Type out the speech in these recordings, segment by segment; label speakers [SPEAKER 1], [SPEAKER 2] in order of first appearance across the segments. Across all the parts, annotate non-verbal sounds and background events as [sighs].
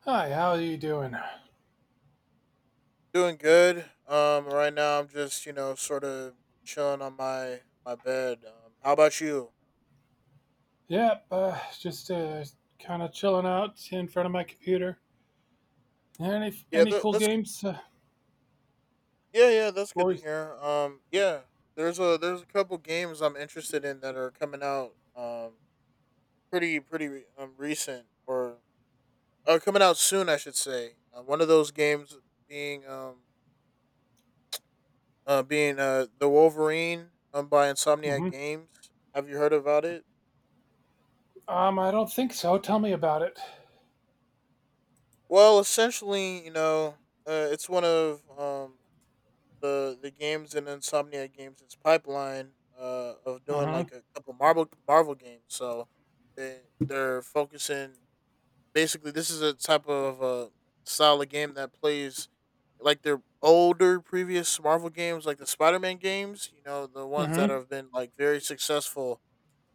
[SPEAKER 1] Hi, how are you doing?
[SPEAKER 2] Doing good. Right now I'm just sort of chilling on my bed. How about you?
[SPEAKER 1] Yep, just kind of chilling out in front of my computer. Any
[SPEAKER 2] Yeah,
[SPEAKER 1] any
[SPEAKER 2] that,
[SPEAKER 1] cool
[SPEAKER 2] that's g-
[SPEAKER 1] games?
[SPEAKER 2] yeah, that's good to
[SPEAKER 1] Or.
[SPEAKER 2] hear. Yeah, there's a couple games I'm interested in that are coming out. Recent or are coming out soon, I should say. One of those games being being the Wolverine by Insomniac
[SPEAKER 1] hmm
[SPEAKER 2] Games. Have you heard about it?
[SPEAKER 1] I don't think so. Tell me about it.
[SPEAKER 2] Well, essentially, it's one of the games and insomnia games its pipeline of doing
[SPEAKER 1] Mm-hmm.
[SPEAKER 2] like a couple Marvel games. So they're focusing, basically this is a type of style of game that plays like their older previous Marvel games, like the Spider Man games, you know, the ones that
[SPEAKER 1] Mm-hmm.
[SPEAKER 2] have been like very successful,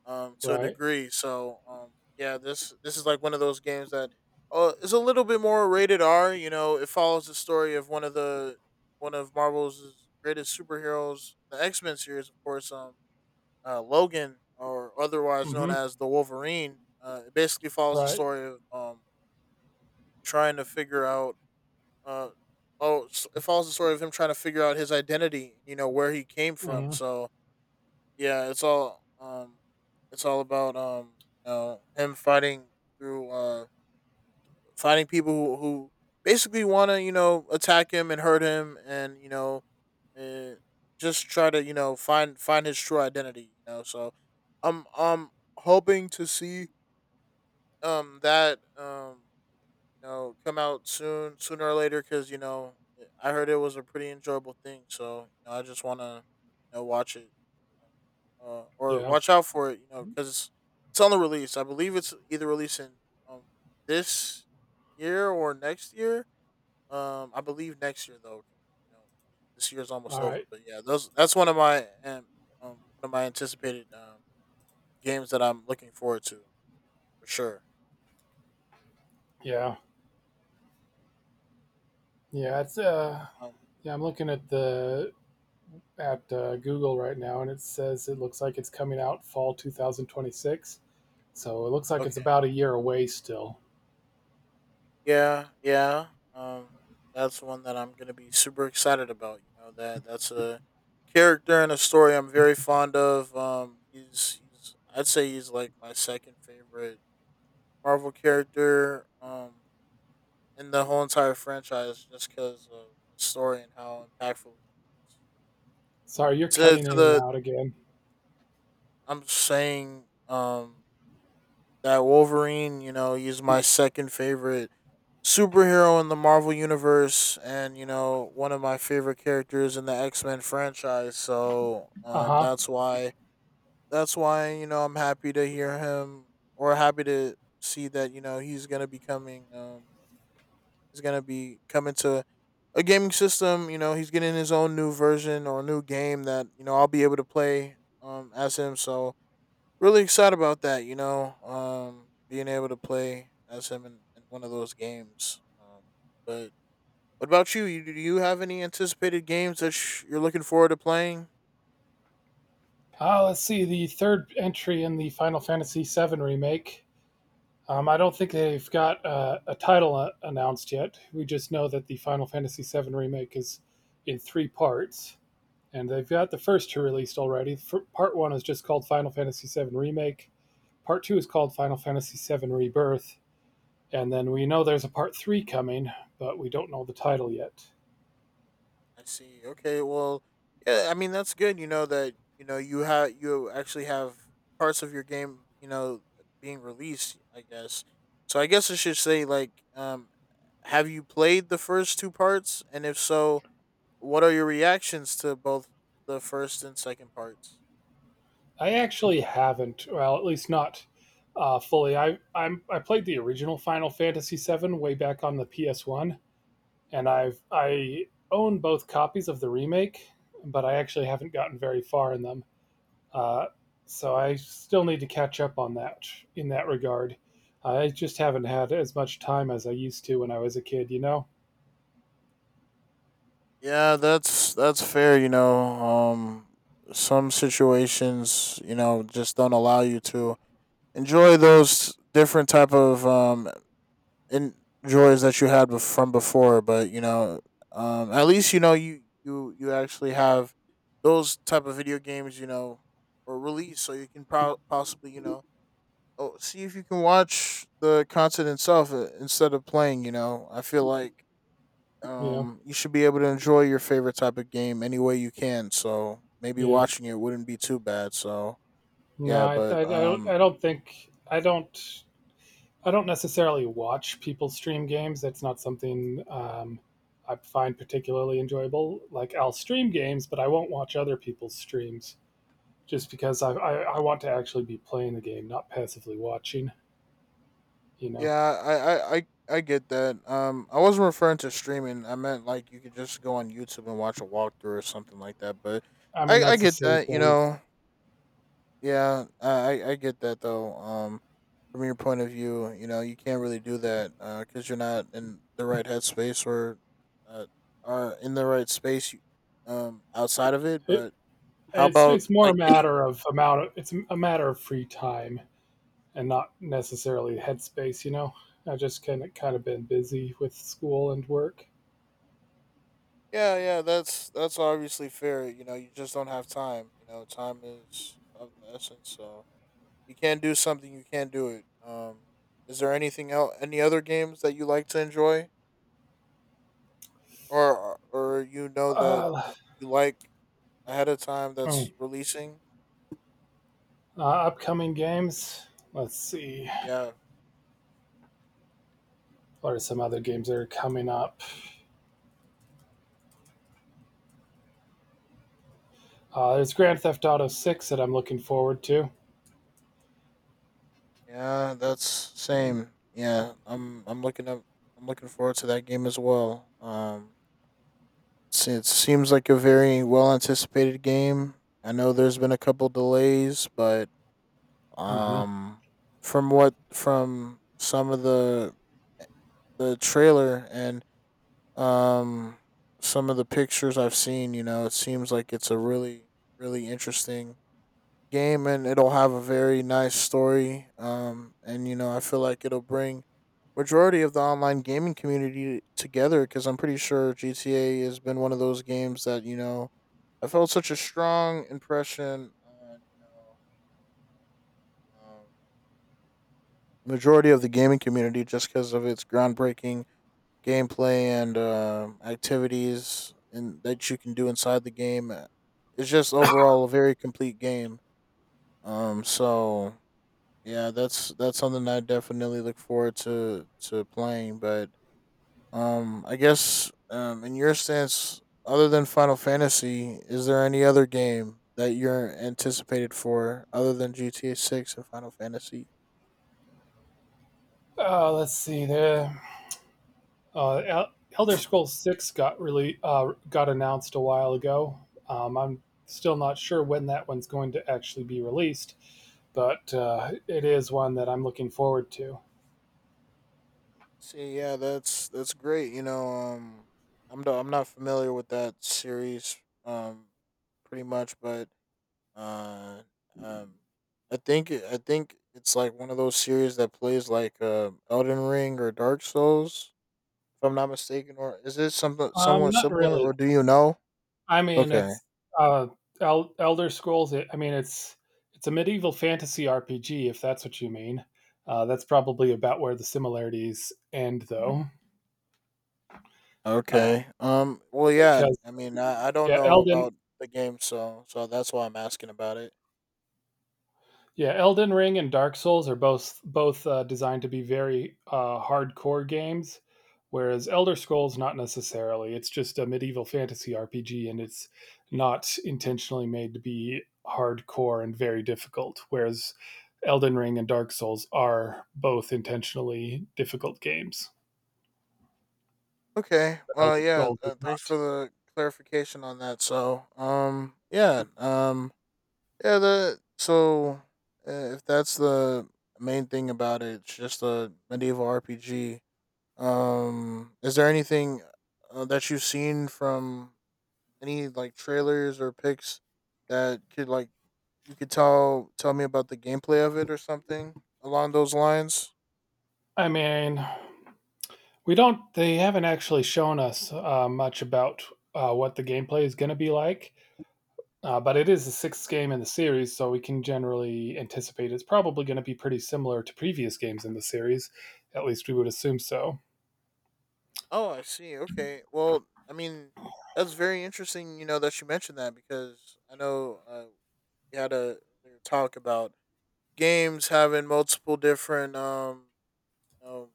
[SPEAKER 2] to a
[SPEAKER 1] Right.
[SPEAKER 2] degree. So yeah, this is like one of those games that is a little bit more rated R. You know, it follows the story of one of Marvel's greatest superheroes, the X Men series, of course, Logan, or otherwise known
[SPEAKER 1] Mm-hmm.
[SPEAKER 2] as the Wolverine. It basically follows the
[SPEAKER 1] Right.
[SPEAKER 2] story of trying to figure out. Uh, oh, s- it follows the story of him trying to figure out his identity. You know where he came from.
[SPEAKER 1] Mm-hmm.
[SPEAKER 2] So yeah, it's all about, you know, him fighting through, fighting people who, basically want to you know attack him and hurt him, and uh, just try to you know find his true identity. You know, so I'm hoping to see that you know, come out soon, sooner or later, because you know, I heard it was a pretty enjoyable thing. So you know, I just want to, you know, watch it, you know, or
[SPEAKER 1] Yeah.
[SPEAKER 2] watch out for it, you know, because it's on the release. I believe it's either releasing um this year or next year. I believe next year though. 'Cause, you know, this year's almost
[SPEAKER 1] All
[SPEAKER 2] over,
[SPEAKER 1] right.
[SPEAKER 2] but yeah, those that's um, one of my anticipated games that I'm looking forward to for sure.
[SPEAKER 1] Yeah. Yeah. It's.
[SPEAKER 2] Um,
[SPEAKER 1] Yeah, I'm looking at the at Google right now, and it says it looks like it's coming out fall 2026. So it looks like it's
[SPEAKER 2] okay.
[SPEAKER 1] about a year away still.
[SPEAKER 2] Yeah, yeah. Um, that's one that I'm gonna be super excited about. You know that that's a character and a story I'm very fond of. He's I'd say he's like my second favorite Marvel character. In the whole entire franchise, just because of the story and how impactful.
[SPEAKER 1] Sorry, you're
[SPEAKER 2] To
[SPEAKER 1] cutting
[SPEAKER 2] to
[SPEAKER 1] in and
[SPEAKER 2] the
[SPEAKER 1] out again.
[SPEAKER 2] I'm saying that Wolverine. You know he's my second favorite superhero in the Marvel universe, and you know one of my favorite characters in the X-Men franchise, so
[SPEAKER 1] Uh huh.
[SPEAKER 2] that's why you know I'm happy to hear him or happy to see that you know he's going to be coming he's going to be coming to a gaming system, you know he's getting his own new version or new game that you know I'll be able to play as him, so really excited about that, you know, being able to play as him in one of those games, but what about you? Do you have any anticipated games that you're looking forward to playing?
[SPEAKER 1] Let's see the third entry in the Final Fantasy VII remake. I don't think they've got a title announced yet. We just know that the Final Fantasy VII remake is in three parts, and they've got the first two released already. Part one is just called Final Fantasy VII Remake. Part two is called Final Fantasy VII Rebirth. And then we know there's a part three coming, but we don't know the title yet.
[SPEAKER 2] I see. Okay. Well, yeah. I mean, that's good. You know that you know you have you actually have parts of your game. You know, being released. I guess. So I guess I should say like, have you played the first two parts? And if so, what are your reactions to both the first and second parts?
[SPEAKER 1] I actually haven't. Well, at least not fully. I played the original Final Fantasy VII way back on the PS1, and I own both copies of the remake, but I actually haven't gotten very far in them. Uh, so I still need to catch up on that in that regard. I just haven't had as much time as I used to when I was a kid.
[SPEAKER 2] Yeah, that's fair. You know, some situations you know just don't allow you to enjoy those different type of en- that you had from before, but you know at least you know you actually have those type of video games, you know, or release, so you can possibly you know oh, see if you can watch the content itself, instead of playing, you know I feel like
[SPEAKER 1] Yeah,
[SPEAKER 2] you should be able to enjoy your favorite type of game any way you can, so maybe
[SPEAKER 1] yeah.
[SPEAKER 2] watching it wouldn't be too bad, so
[SPEAKER 1] No,
[SPEAKER 2] yeah but um.
[SPEAKER 1] I don't necessarily watch people stream games. That's not something I find particularly enjoyable. Like I'll stream games, but I won't watch other people's streams. Just because I want to actually be playing the game, not passively watching. You know,
[SPEAKER 2] Yeah, I get that. I wasn't referring to streaming. I meant like you could just go on YouTube and watch a walkthrough or something like that. But
[SPEAKER 1] I mean
[SPEAKER 2] I
[SPEAKER 1] that's the
[SPEAKER 2] get
[SPEAKER 1] same
[SPEAKER 2] that. You
[SPEAKER 1] thing.
[SPEAKER 2] know, yeah, I get that though. From your point of view, you know, you can't really do that because you're not in the right headspace, or, uh, are in the right space, outside of it.
[SPEAKER 1] It,
[SPEAKER 2] But how
[SPEAKER 1] it's
[SPEAKER 2] about
[SPEAKER 1] it's more a
[SPEAKER 2] like any?
[SPEAKER 1] matter of amount. It's a matter of free time and not necessarily headspace. You know, I just kind of been busy with school and work.
[SPEAKER 2] Yeah, yeah, that's obviously fair. You know, you just don't have time. You know, time is of the essence. So you can't do something, you can't do it. Is there anything else, any other games that you like to enjoy, or you know that
[SPEAKER 1] Uh,
[SPEAKER 2] you like ahead of time
[SPEAKER 1] hmm,
[SPEAKER 2] that's releasing?
[SPEAKER 1] Upcoming games. Let's see.
[SPEAKER 2] Yeah,
[SPEAKER 1] What are some other games that are coming up? There's Grand Theft Auto 6 that I'm looking forward to.
[SPEAKER 2] yeah, that's same. Yeah, I'm looking up. I'm looking forward to that game as well. It seems like a very well anticipated game. I know there's been a couple delays, but
[SPEAKER 1] hmm
[SPEAKER 2] um, from some of the trailer and Um, some of the pictures I've seen, you know, it seems like it's a really, really interesting game, and it'll have a very nice story. And you know, I feel like it'll bring majority of the online gaming community together because I'm pretty sure GTA has been one of those games that you know I felt such a strong impression on you know, um, majority of the gaming community just because of its groundbreaking gameplay and activities and that you can do inside the game. It's just overall a very complete game. So yeah, that's something I definitely look forward to playing. But I guess in your sense, other than Final Fantasy, is there any other game that you're anticipated for other than GTA Six and Final Fantasy?
[SPEAKER 1] Let's see. Uh, El- Elder Scrolls Six got really got announced a while ago. I'm still not sure when that one's going to actually be released, but it is one that I'm looking forward to.
[SPEAKER 2] See, yeah, that's great. You know, I'm not familiar with that series, um, pretty much, but uh, um, I think it's like one of those series that plays like, Elden Ring or Dark Souls, if I'm not mistaken. Or is it something somewhat
[SPEAKER 1] Not
[SPEAKER 2] similar?
[SPEAKER 1] really.
[SPEAKER 2] Or do you know?
[SPEAKER 1] I mean,
[SPEAKER 2] Okay,
[SPEAKER 1] uh, Elder Scrolls. I mean, it's a medieval fantasy RPG, if that's what you mean. That's probably about where the similarities end, though, uh,
[SPEAKER 2] okay. Well, yeah.
[SPEAKER 1] because
[SPEAKER 2] I mean, I don't
[SPEAKER 1] yeah,
[SPEAKER 2] know
[SPEAKER 1] Elden
[SPEAKER 2] about the game, so that's why I'm asking about it.
[SPEAKER 1] Yeah, Elden Ring and Dark Souls are both designed to be very hardcore games, whereas Elder Scrolls not necessarily. It's just a medieval fantasy RPG, and it's not intentionally made to be hardcore and very difficult. Whereas Elden Ring and Dark Souls are both intentionally difficult games.
[SPEAKER 2] Okay.
[SPEAKER 1] But
[SPEAKER 2] Well,
[SPEAKER 1] Elder
[SPEAKER 2] yeah.
[SPEAKER 1] Scrolls is
[SPEAKER 2] Thanks
[SPEAKER 1] not.
[SPEAKER 2] for the clarification on that. So, yeah, yeah. The so if that's the main thing about it, it's just a medieval RPG. Is there anything that you've seen from any like trailers or pics that could like you could tell me about the gameplay of it or something along those lines?
[SPEAKER 1] I mean, we don't. They haven't actually shown us much about what the gameplay is going to be like. But it is the sixth game in the series, so we can generally anticipate it's probably going to be pretty similar to previous games in the series. At least we would assume so.
[SPEAKER 2] Oh, I see. Okay. Well, I mean, that's very interesting, you know, that you mentioned that because I know we had a earlier talk about games having multiple different you know,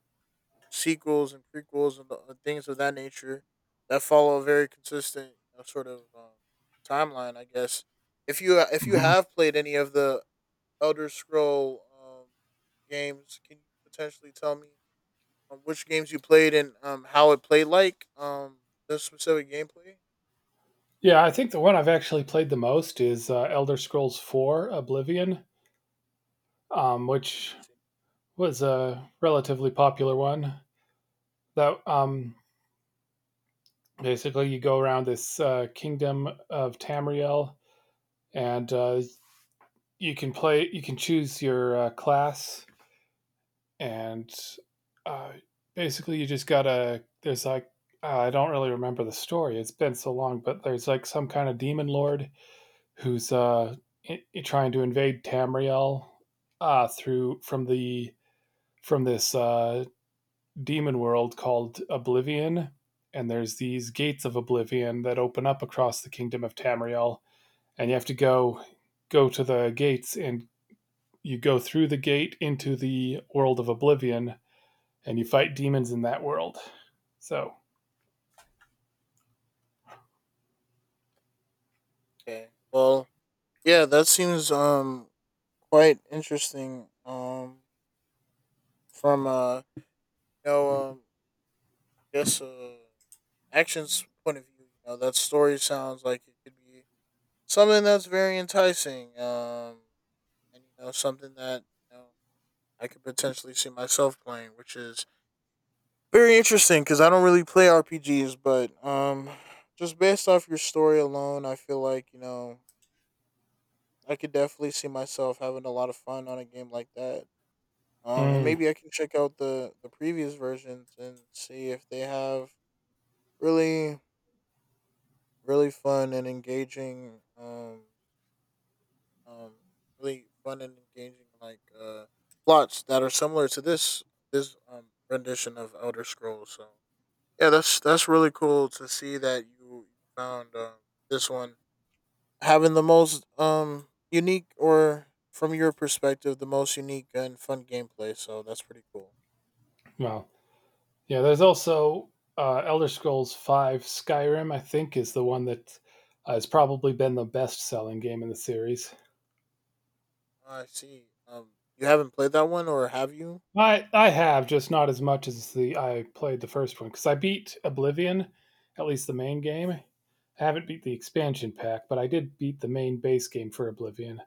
[SPEAKER 2] sequels and prequels and, and things of that nature that follow a very consistent you know, sort of timeline, I guess. If you
[SPEAKER 1] Mhm.
[SPEAKER 2] have played any of the Elder Scroll games, can you potentially tell me which games you played and how it played like the specific gameplay.
[SPEAKER 1] Yeah, I think the one I've actually played the most is Elder Scrolls IV Oblivion, which was a relatively popular one. That Basically you go around this kingdom of Tamriel, and you can play. You can choose your class and uh, basically you just gotta there's like I don't really remember the story. It's been so long, but there's like some kind of demon lord who's trying to invade Tamriel through from the from this demon world called Oblivion, and there's these gates of Oblivion that open up across the kingdom of Tamriel. And you have to go to the gates, and you go through the gate into the world of Oblivion, and you fight demons in that world. So,
[SPEAKER 2] Okay. Well, yeah, that seems quite interesting. From you know, I guess actions point of view, you know, that story sounds like it could be something that's very enticing. And you know, something that you know I could potentially see myself playing, which is very interesting because I don't really play RPGs, but just based off your story alone, I feel like you know I could definitely see myself having a lot of fun on a game like that. And
[SPEAKER 1] mm,
[SPEAKER 2] maybe I can check out the previous versions and see if they have really really fun and engaging um um really fun and engaging like plots that are similar to this rendition of Elder Scrolls. So yeah, that's really cool to see that you found this one having the most unique, or from your perspective the most unique and fun gameplay. So that's pretty cool.
[SPEAKER 1] well, yeah. There's also Elder Scrolls Five: Skyrim. I think is the one that has probably been the best-selling game in the series.
[SPEAKER 2] I see. You haven't played that one, or have you?
[SPEAKER 1] I have just not as much as the I played the first one because I beat Oblivion, at least the main game. I haven't beat the expansion pack, but I did beat the main base game for Oblivion.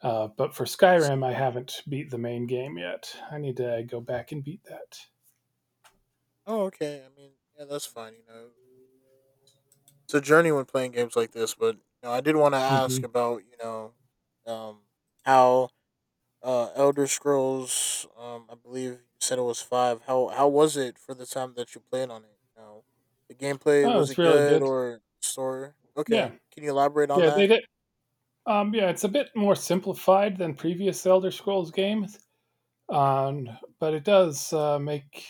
[SPEAKER 1] But for Skyrim, I
[SPEAKER 2] See.
[SPEAKER 1] haven't beat the main game yet. I need to go back and beat that.
[SPEAKER 2] Oh, okay. I mean, yeah, that's fine. You know, it's a journey when playing games like this. But you know, I did want to ask
[SPEAKER 1] Mhm.
[SPEAKER 2] about you know, um, how Elder Scrolls. I believe you said it was five. How was it for the time that you played on it? You know, the gameplay
[SPEAKER 1] Oh,
[SPEAKER 2] was
[SPEAKER 1] it's
[SPEAKER 2] it
[SPEAKER 1] really
[SPEAKER 2] good
[SPEAKER 1] good.
[SPEAKER 2] or story?
[SPEAKER 1] Yeah,
[SPEAKER 2] Okay, can you elaborate on
[SPEAKER 1] yeah, they
[SPEAKER 2] that?
[SPEAKER 1] did. Yeah, it's a bit more simplified than previous Elder Scrolls games, um, but it does make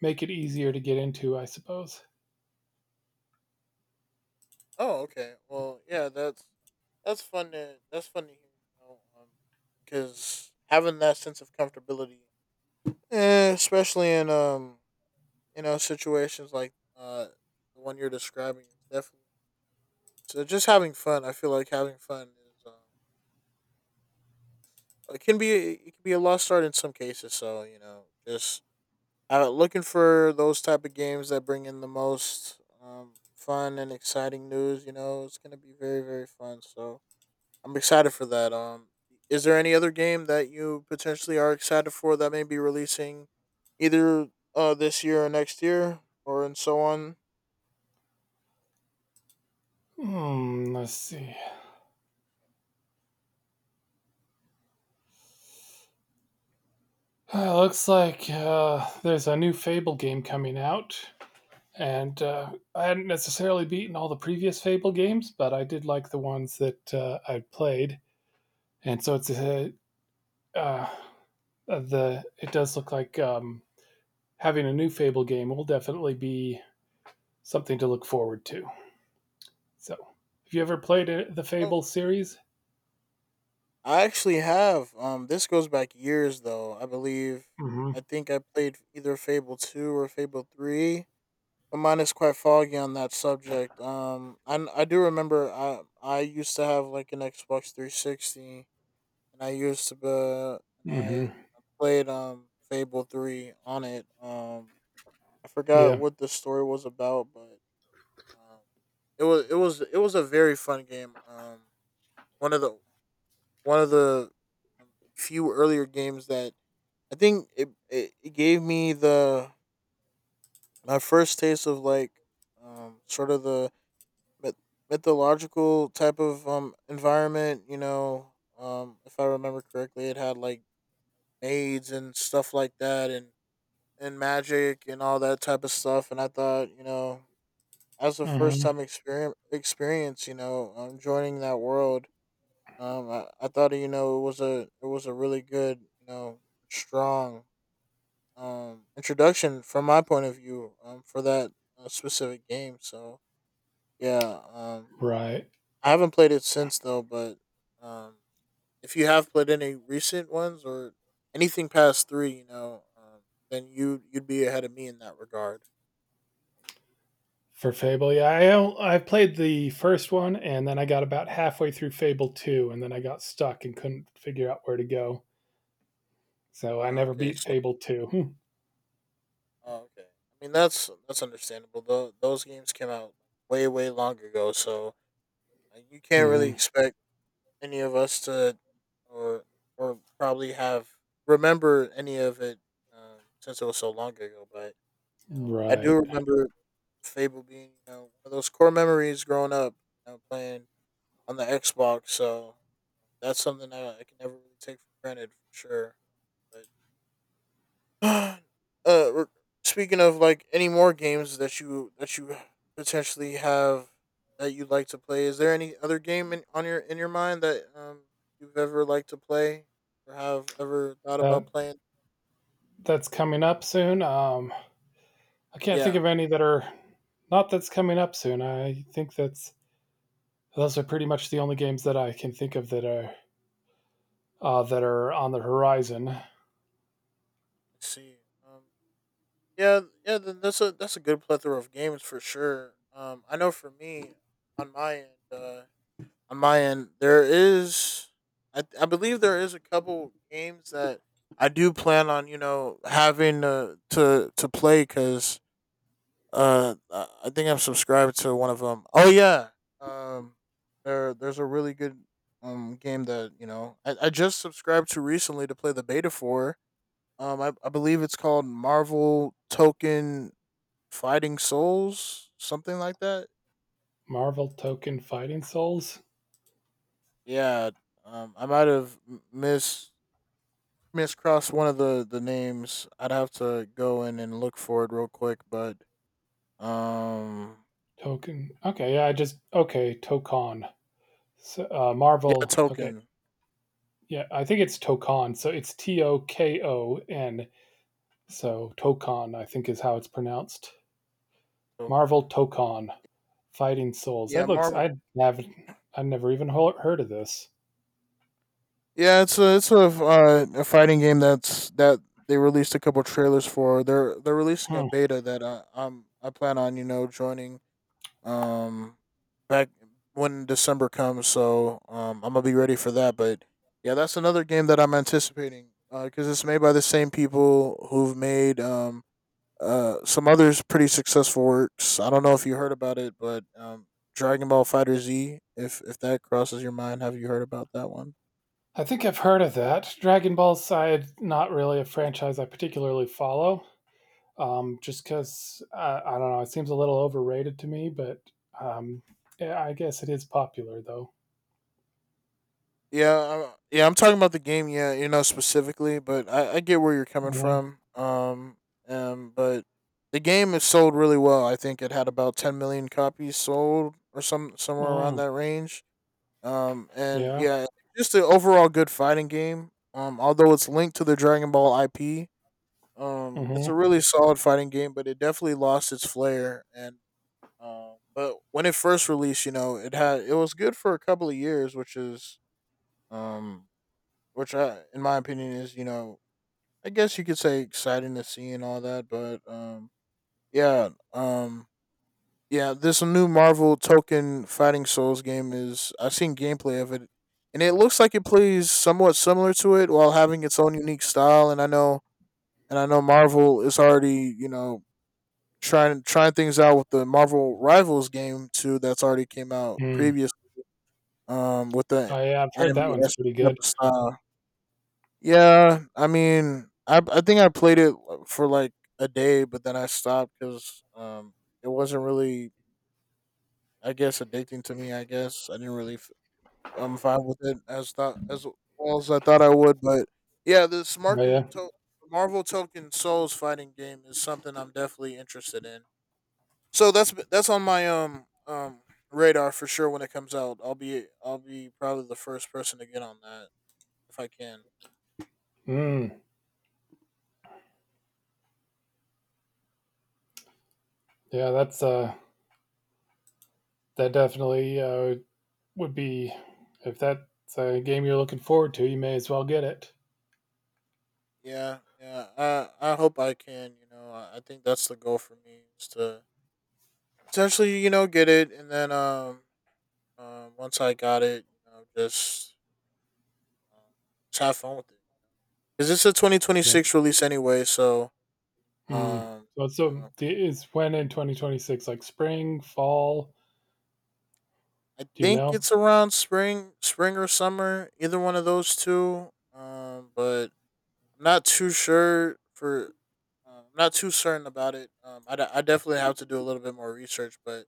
[SPEAKER 1] make it easier to get into, I suppose.
[SPEAKER 2] Oh, okay. Well, yeah, that's fun to hear. Because having that sense of comfortability, especially in situations like the one you're describing, is definitely so. Just having fun. I feel like having fun is it can be a lost art in some cases. So just looking for those type of games that bring in the most fun and exciting news. You know, it's gonna be very very fun. So I'm excited for that. Is there any other game that you potentially are excited for that may be releasing either this year or next year or and so on?
[SPEAKER 1] Let's see. Looks like there's a new Fable game coming out, and I hadn't necessarily beaten all the previous Fable games, but I did like the ones that I played, and so it's a, uh, the it does look like having a new Fable game will definitely be something to look forward to. So, have you ever
[SPEAKER 2] Yeah.
[SPEAKER 1] played the
[SPEAKER 2] Oh,
[SPEAKER 1] Fable series?
[SPEAKER 2] I actually have. This goes back years though, I believe.
[SPEAKER 1] Mm-hmm.
[SPEAKER 2] I think I played either Fable two or Fable three. But mine is quite foggy on that subject. I do remember. I used to have like an Xbox 360, and I used to be, and
[SPEAKER 1] Mm-hmm.
[SPEAKER 2] I played Fable three on it. I forgot
[SPEAKER 1] Yeah.
[SPEAKER 2] what the story was about, but um, it was a very fun game. One of the one of the few earlier games that I think it gave me the my first taste of like sort of the myth- mythological type of environment, you know, if I remember correctly, it had like maids and stuff like that and magic and all that type of stuff. And I thought, you know, as a first
[SPEAKER 1] Mm-hmm.
[SPEAKER 2] time experience, you know, joining that world. Um, I thought it was a really good, strong introduction from my point of view for that specific game. So yeah.
[SPEAKER 1] Right.
[SPEAKER 2] I haven't played it since though. But um, if you have played any recent ones or anything past three, then you'd be ahead of me in that regard.
[SPEAKER 1] For Fable, yeah, I played the first one, and then I got about halfway through Fable two, and then I got stuck and couldn't figure out where to go. So I
[SPEAKER 2] Ah,
[SPEAKER 1] never
[SPEAKER 2] okay,
[SPEAKER 1] beat
[SPEAKER 2] so
[SPEAKER 1] Fable two. [laughs]
[SPEAKER 2] oh, okay. I mean that's understandable. Though those games came out way way long ago, so you can't really
[SPEAKER 1] Mm-hmm.
[SPEAKER 2] expect any of us to, or probably have remember any of it, since it was so long ago. But you know, I do
[SPEAKER 1] Right.
[SPEAKER 2] remember Fable being one of those core memories growing up. You know, playing on the Xbox. So that's something that I can never really take for granted for sure. But [sighs] [gasps] uh, speaking of like any more games that you potentially have that you'd like to play, is there any other game on your in your mind that you've ever liked to play or have ever thought about
[SPEAKER 1] That
[SPEAKER 2] playing?
[SPEAKER 1] that's coming up soon. I can't think
[SPEAKER 2] Yeah,
[SPEAKER 1] of
[SPEAKER 2] I
[SPEAKER 1] any that are not that's coming up soon. I think that's those are pretty much the only games that I can think of that are on the horizon.
[SPEAKER 2] see. Um, yeah, that's a good plethora of games for sure. I know for me, on my end, there is, I believe there is a couple games that I do plan on, you know, having to to play. Because I think I'm subscribed to one of them. Oh yeah, um, there's a really good game that you know I just subscribed to recently to play the beta for. Um, I believe it's called Marvel Token Fighting Souls, something like that.
[SPEAKER 1] Marvel Token Fighting Souls.
[SPEAKER 2] Yeah, I might have m- missed miscross one of the names. I'd have to go in and look for it real quick, but um,
[SPEAKER 1] Token. Okay, yeah, I just okay, Tokon. So,
[SPEAKER 2] yeah.
[SPEAKER 1] Marvel. Okay, yeah, I think it's Tokon. So it's Tokon. So Tokon, I think, is how it's pronounced. Marvel
[SPEAKER 2] Token,
[SPEAKER 1] Tokon Fighting Souls.
[SPEAKER 2] yeah,
[SPEAKER 1] That looks.
[SPEAKER 2] Marvel.
[SPEAKER 1] I have. I've never even heard of this.
[SPEAKER 2] Yeah, it's a a fighting game that they released a couple trailers for. They're releasing a
[SPEAKER 1] Hmm.
[SPEAKER 2] beta that I plan on you know joining um back when December comes. So um, I'm gonna be ready for that. But yeah, that's another game that I'm anticipating because it's made by the same people who've made some others pretty successful works. I don't know if you heard about it, but Dragon Ball Fighter Z. If that crosses your mind, have you heard about that one?
[SPEAKER 1] I think I've heard of that. Dragon Ball Side, not really a franchise I particularly follow. Just
[SPEAKER 2] Yeah,
[SPEAKER 1] because I don't know, it seems a little overrated to me, but um, yeah, I guess it is popular though.
[SPEAKER 2] yeah, I'm talking about the game. Yeah, you know specifically, but I get where you're coming
[SPEAKER 1] Hmm.
[SPEAKER 2] from. But the game is sold really well. I think it had about 10 million copies sold, or somewhere around
[SPEAKER 1] Mm,
[SPEAKER 2] that range. And
[SPEAKER 1] yeah.
[SPEAKER 2] yeah, just an overall good fighting game. Although it's linked to the Dragon Ball IP, it's a
[SPEAKER 1] Hmm.
[SPEAKER 2] really solid fighting game, but it definitely lost its flair. And But when it first released, you know, it was good for a couple of years, which is um, which I, in my opinion, is, you know, I guess you could say exciting to see and all that. But yeah, um, yeah, this new Marvel Token Fighting Souls game, is I've seen gameplay of it, and it looks like it plays somewhat similar to it while having its own unique style. And I know Marvel is already you know trying things out with the Marvel Rivals game too. That's already came out
[SPEAKER 1] Mm.
[SPEAKER 2] previous with the
[SPEAKER 1] Oh, yeah, I've heard
[SPEAKER 2] anime
[SPEAKER 1] that one's
[SPEAKER 2] esque
[SPEAKER 1] pretty good.
[SPEAKER 2] type of style. Yeah, I mean, I think I played it for like a day, but then I stopped because it wasn't really I guess addicting to me. I guess I didn't really I'm fine with it as thought as well as I thought I would. But yeah, this
[SPEAKER 1] Oh, yeah.
[SPEAKER 2] Marvel Token Souls fighting game is something I'm definitely interested in. So that's on my radar for sure when it comes out. I'll be probably the first person to get on that if I can.
[SPEAKER 1] Mm. Yeah, that definitely would be if that's a game you're looking forward to, you may as well get it.
[SPEAKER 2] Yeah, yeah. I hope I can. You know, I think that's the goal for me, is to essentially you know get it and then once I got it, you know, Um, just have fun with it. Cause it's a
[SPEAKER 1] Right.
[SPEAKER 2] 2026 release anyway, so
[SPEAKER 1] Mm.
[SPEAKER 2] um,
[SPEAKER 1] So,
[SPEAKER 2] you
[SPEAKER 1] so
[SPEAKER 2] know,
[SPEAKER 1] the, is when in 2026, like spring, fall?
[SPEAKER 2] I
[SPEAKER 1] Do you
[SPEAKER 2] think
[SPEAKER 1] know?
[SPEAKER 2] it's around spring, or summer, either one of those two. But I'm not too sure for. I'm not too certain about it. Um, I definitely have to do a little bit more research, but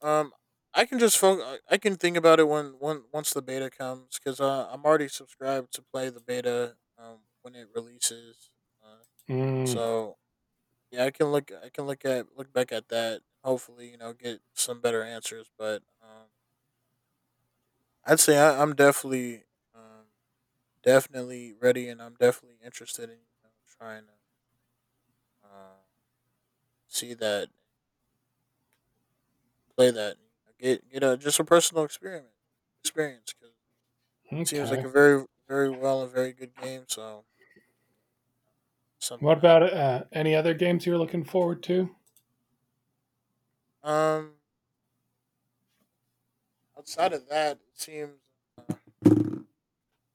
[SPEAKER 2] um, I can just focus. I can think about it when once the beta comes, because I'm already subscribed to play the beta when it releases. Uh,
[SPEAKER 1] Mm.
[SPEAKER 2] so yeah, I can look. I can look at look back at that. And hopefully, you know, get some better answers. But I'd say I'm definitely, um, definitely ready, and I'm definitely interested in you know, trying to uh, see that, play that, and, you know, get a just a personal experiment experience, because it seems like a
[SPEAKER 1] Okay.
[SPEAKER 2] very very well a very good game. So something
[SPEAKER 1] What
[SPEAKER 2] I
[SPEAKER 1] about any other games you're looking forward to?
[SPEAKER 2] um outside of that it seems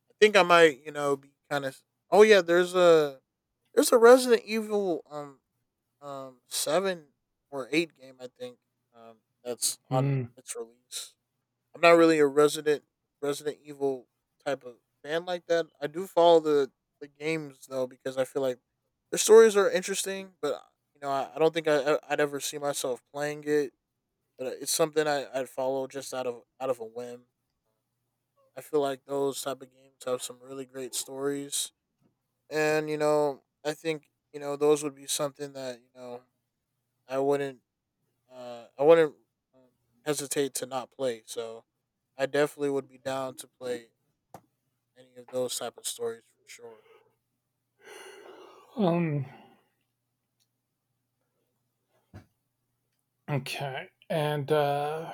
[SPEAKER 2] I think I might you know be kind of oh yeah there's a there's a Resident Evil seven or eight game I think um that's on
[SPEAKER 1] Hmm.
[SPEAKER 2] its release. I'm not really a Resident Evil type of fan like that. I do follow the games though because I feel like the stories are interesting, but you know I don't think I'd ever see myself playing it. But it's something I'd follow just out of a whim. I feel like those type of games have some really great stories, and you know I think you know those would be something that I wouldn't uh i wouldn't um, hesitate to not play. So I definitely would be down to play any of those type of stories for sure.
[SPEAKER 1] Um. Okay. And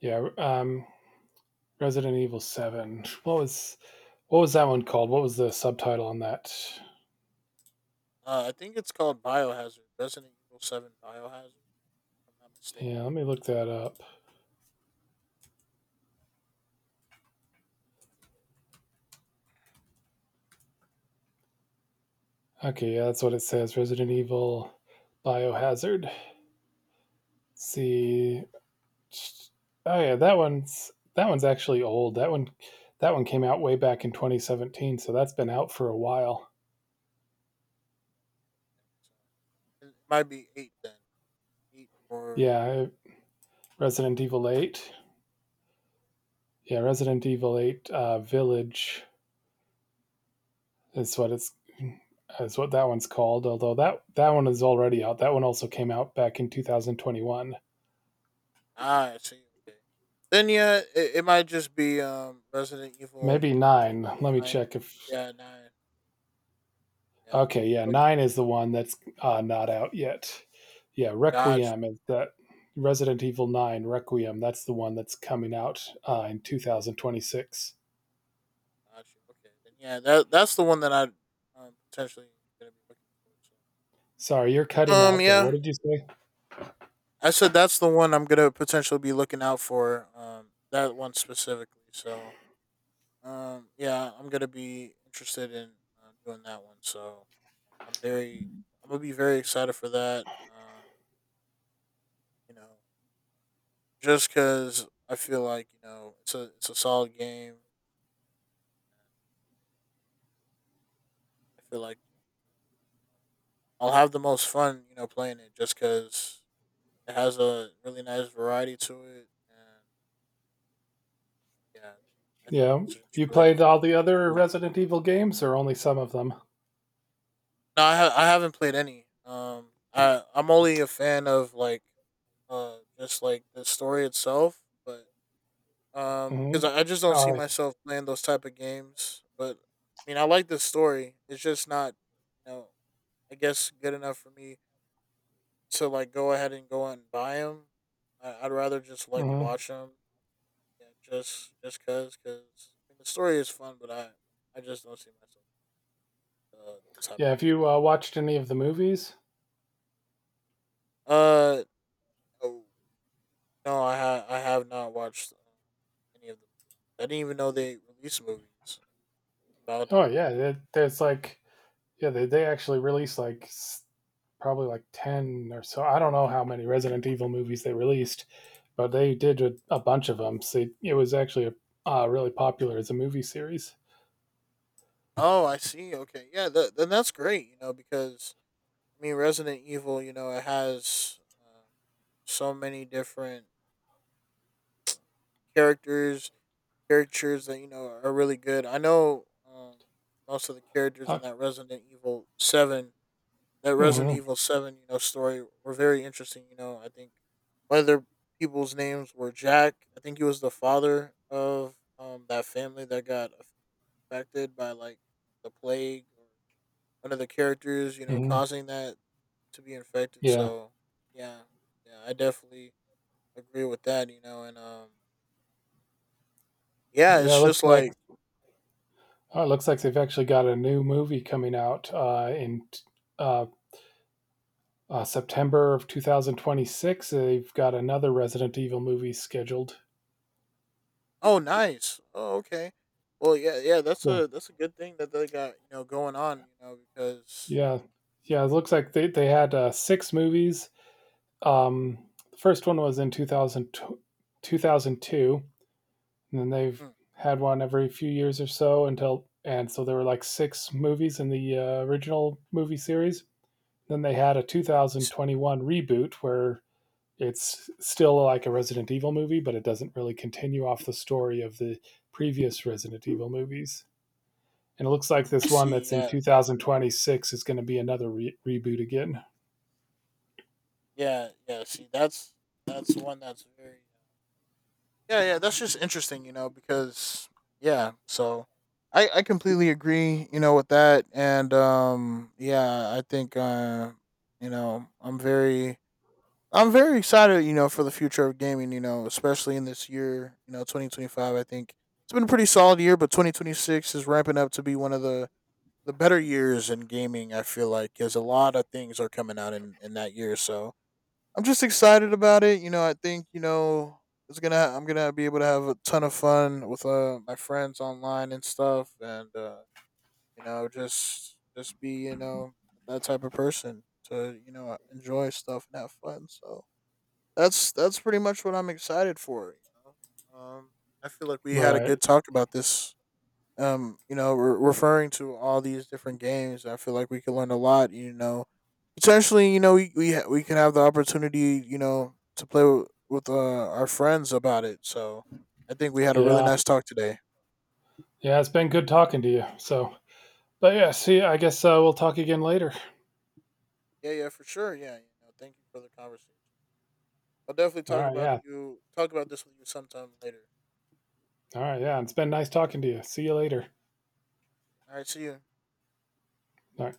[SPEAKER 1] yeah. Resident Evil Seven. What was that one called? What was the subtitle on that?
[SPEAKER 2] I think it's called Biohazard, Resident Evil 7 Biohazard, if I'm not mistaken.
[SPEAKER 1] Yeah. Let me look that up. Okay. Yeah, that's what it says. Resident Evil Biohazard. Let's see. Oh yeah, that one's actually old. That one came out way back in 2017, so that's been out for a while.
[SPEAKER 2] So it might be eight then, eight or
[SPEAKER 1] Yeah, Resident Evil Eight. Yeah, Resident Evil Eight Village is what it's is what that one's called. Although that one is already out. That one also came out back in 2021.
[SPEAKER 2] ah I see. Okay, then yeah, it might just be Resident Evil
[SPEAKER 1] Maybe nine. Let me
[SPEAKER 2] nine.
[SPEAKER 1] check if.
[SPEAKER 2] Yeah, nine. Yeah,
[SPEAKER 1] Okay, yeah,
[SPEAKER 2] look.
[SPEAKER 1] nine is the one that's not out yet. Yeah,
[SPEAKER 2] Gotcha,
[SPEAKER 1] Requiem is that Resident Evil Nine Requiem. That's the one that's coming out in 2026.
[SPEAKER 2] Gotcha. Okay, then yeah, that that's the one that I potentially gonna be looking for.
[SPEAKER 1] Sorry, you're
[SPEAKER 2] So
[SPEAKER 1] cutting out there. What
[SPEAKER 2] Yeah,
[SPEAKER 1] did you say?
[SPEAKER 2] I said that's the one I'm gonna potentially be looking out for. That one specifically. So, yeah, I'm gonna be interested in doing that one. So, I'm very, I'm gonna be very excited for that. You know, just because I feel like you know it's a solid game. And I feel like I'll have the most fun, you know, playing it just because it has a really nice variety to it, and yeah, I think
[SPEAKER 1] Yeah,
[SPEAKER 2] it's just
[SPEAKER 1] you
[SPEAKER 2] really
[SPEAKER 1] played all the other
[SPEAKER 2] really
[SPEAKER 1] Resident Evil games, or only some of them?
[SPEAKER 2] no, I haven't played any. I I'm only a fan of like, just like the story itself, but because
[SPEAKER 1] Mhm.
[SPEAKER 2] I just don't see
[SPEAKER 1] Uh,
[SPEAKER 2] myself playing those type of games. But I mean, I like the story. It's just not, you know, I guess good enough for me to like go ahead and go out and buy them. I'd rather just like
[SPEAKER 1] mhm.
[SPEAKER 2] watch them. Yeah, just cause, I mean, the story is fun, but I just don't see myself those type
[SPEAKER 1] Yeah,
[SPEAKER 2] of
[SPEAKER 1] have
[SPEAKER 2] games.
[SPEAKER 1] you,
[SPEAKER 2] So,
[SPEAKER 1] watched any of the movies?
[SPEAKER 2] uh oh no, I have not watched any of the movies. I didn't even know they released movies about
[SPEAKER 1] Oh,
[SPEAKER 2] it.
[SPEAKER 1] yeah, there's, like, yeah, they actually released, like, s probably, like, 10 or so. I don't know how many Resident Evil movies they released, but they did a bunch of them. So it was actually, really popular as a movie series.
[SPEAKER 2] Oh, I see. Okay, yeah, then that's great. You know, because I mean, Resident Evil, you know, it has so many different characters, characters that you know are really good. I know most of the characters
[SPEAKER 1] Uh
[SPEAKER 2] in that Resident
[SPEAKER 1] mhm,
[SPEAKER 2] Evil Seven, you know, story were very interesting. You know, I think whether people's names were Jack. I think he was the father of that family that got affected by like the plague or one of the characters, you know,
[SPEAKER 1] mhm,
[SPEAKER 2] causing that to be infected.
[SPEAKER 1] yeah.
[SPEAKER 2] So yeah, yeah, I definitely agree with that. You know, and yeah,
[SPEAKER 1] Yeah, it
[SPEAKER 2] it's
[SPEAKER 1] looks
[SPEAKER 2] just
[SPEAKER 1] like
[SPEAKER 2] like,
[SPEAKER 1] oh, it looks like they've actually got a new movie coming out, in t uh, September of 2026. They've got another Resident Evil movie scheduled.
[SPEAKER 2] oh, nice, oh, okay. Well, yeah, yeah, that's
[SPEAKER 1] So,
[SPEAKER 2] a good thing that they got you know going on, you know, because
[SPEAKER 1] yeah, yeah, it looks like they had six movies. The first one was in 2002, and then they've
[SPEAKER 2] hmm, I
[SPEAKER 1] had one every few years or so and so there were like six movies in the original movie series. Then they had a
[SPEAKER 2] see.
[SPEAKER 1] 2021 reboot where it's still like a Resident Evil movie, but it doesn't really continue off the story of the previous Resident Evil movies. And it looks like
[SPEAKER 2] I
[SPEAKER 1] this one
[SPEAKER 2] see.
[SPEAKER 1] that's in
[SPEAKER 2] Yeah,
[SPEAKER 1] 2026 is going to be another reboot again.
[SPEAKER 2] yeah, yeah. See, that's one that's very. Yeah, yeah. That's just interesting, you know, because yeah. So, I completely agree, you know, with that, and yeah, I think you know, I'm very excited, you know, for the future of gaming, you know, especially in this year, you know, 2025. I think it's been a pretty solid year, but 2026 is ramping up to be one of the better years in gaming, I feel like, cuz a lot of things are coming out in that year. So I'm just excited about it. You know, I think you know it's gonna. I'm gonna be able to have a ton of fun with my friends online and stuff, and you know, just be you know that type of person to you know enjoy stuff and have fun. So that's pretty much what I'm excited for. You know, I feel like we had a
[SPEAKER 1] Right.
[SPEAKER 2] good talk about this. You know, referring to all these different games, I feel like we could learn a lot. You know, essentially, you know, we can have the opportunity, you know, to play with our friends about it. So I think we had a really
[SPEAKER 1] Yeah.
[SPEAKER 2] nice talk today.
[SPEAKER 1] Yeah. It's been good talking to you. So, but yeah, see, I guess we'll talk again later.
[SPEAKER 2] Yeah, yeah, for sure. Yeah, you know, thank you for the conversation. I'll definitely
[SPEAKER 1] All right. Yeah.
[SPEAKER 2] talk about this with you sometime later.
[SPEAKER 1] All right. Yeah. It's been nice talking to you. See you later.
[SPEAKER 2] All right, see you.
[SPEAKER 1] All right.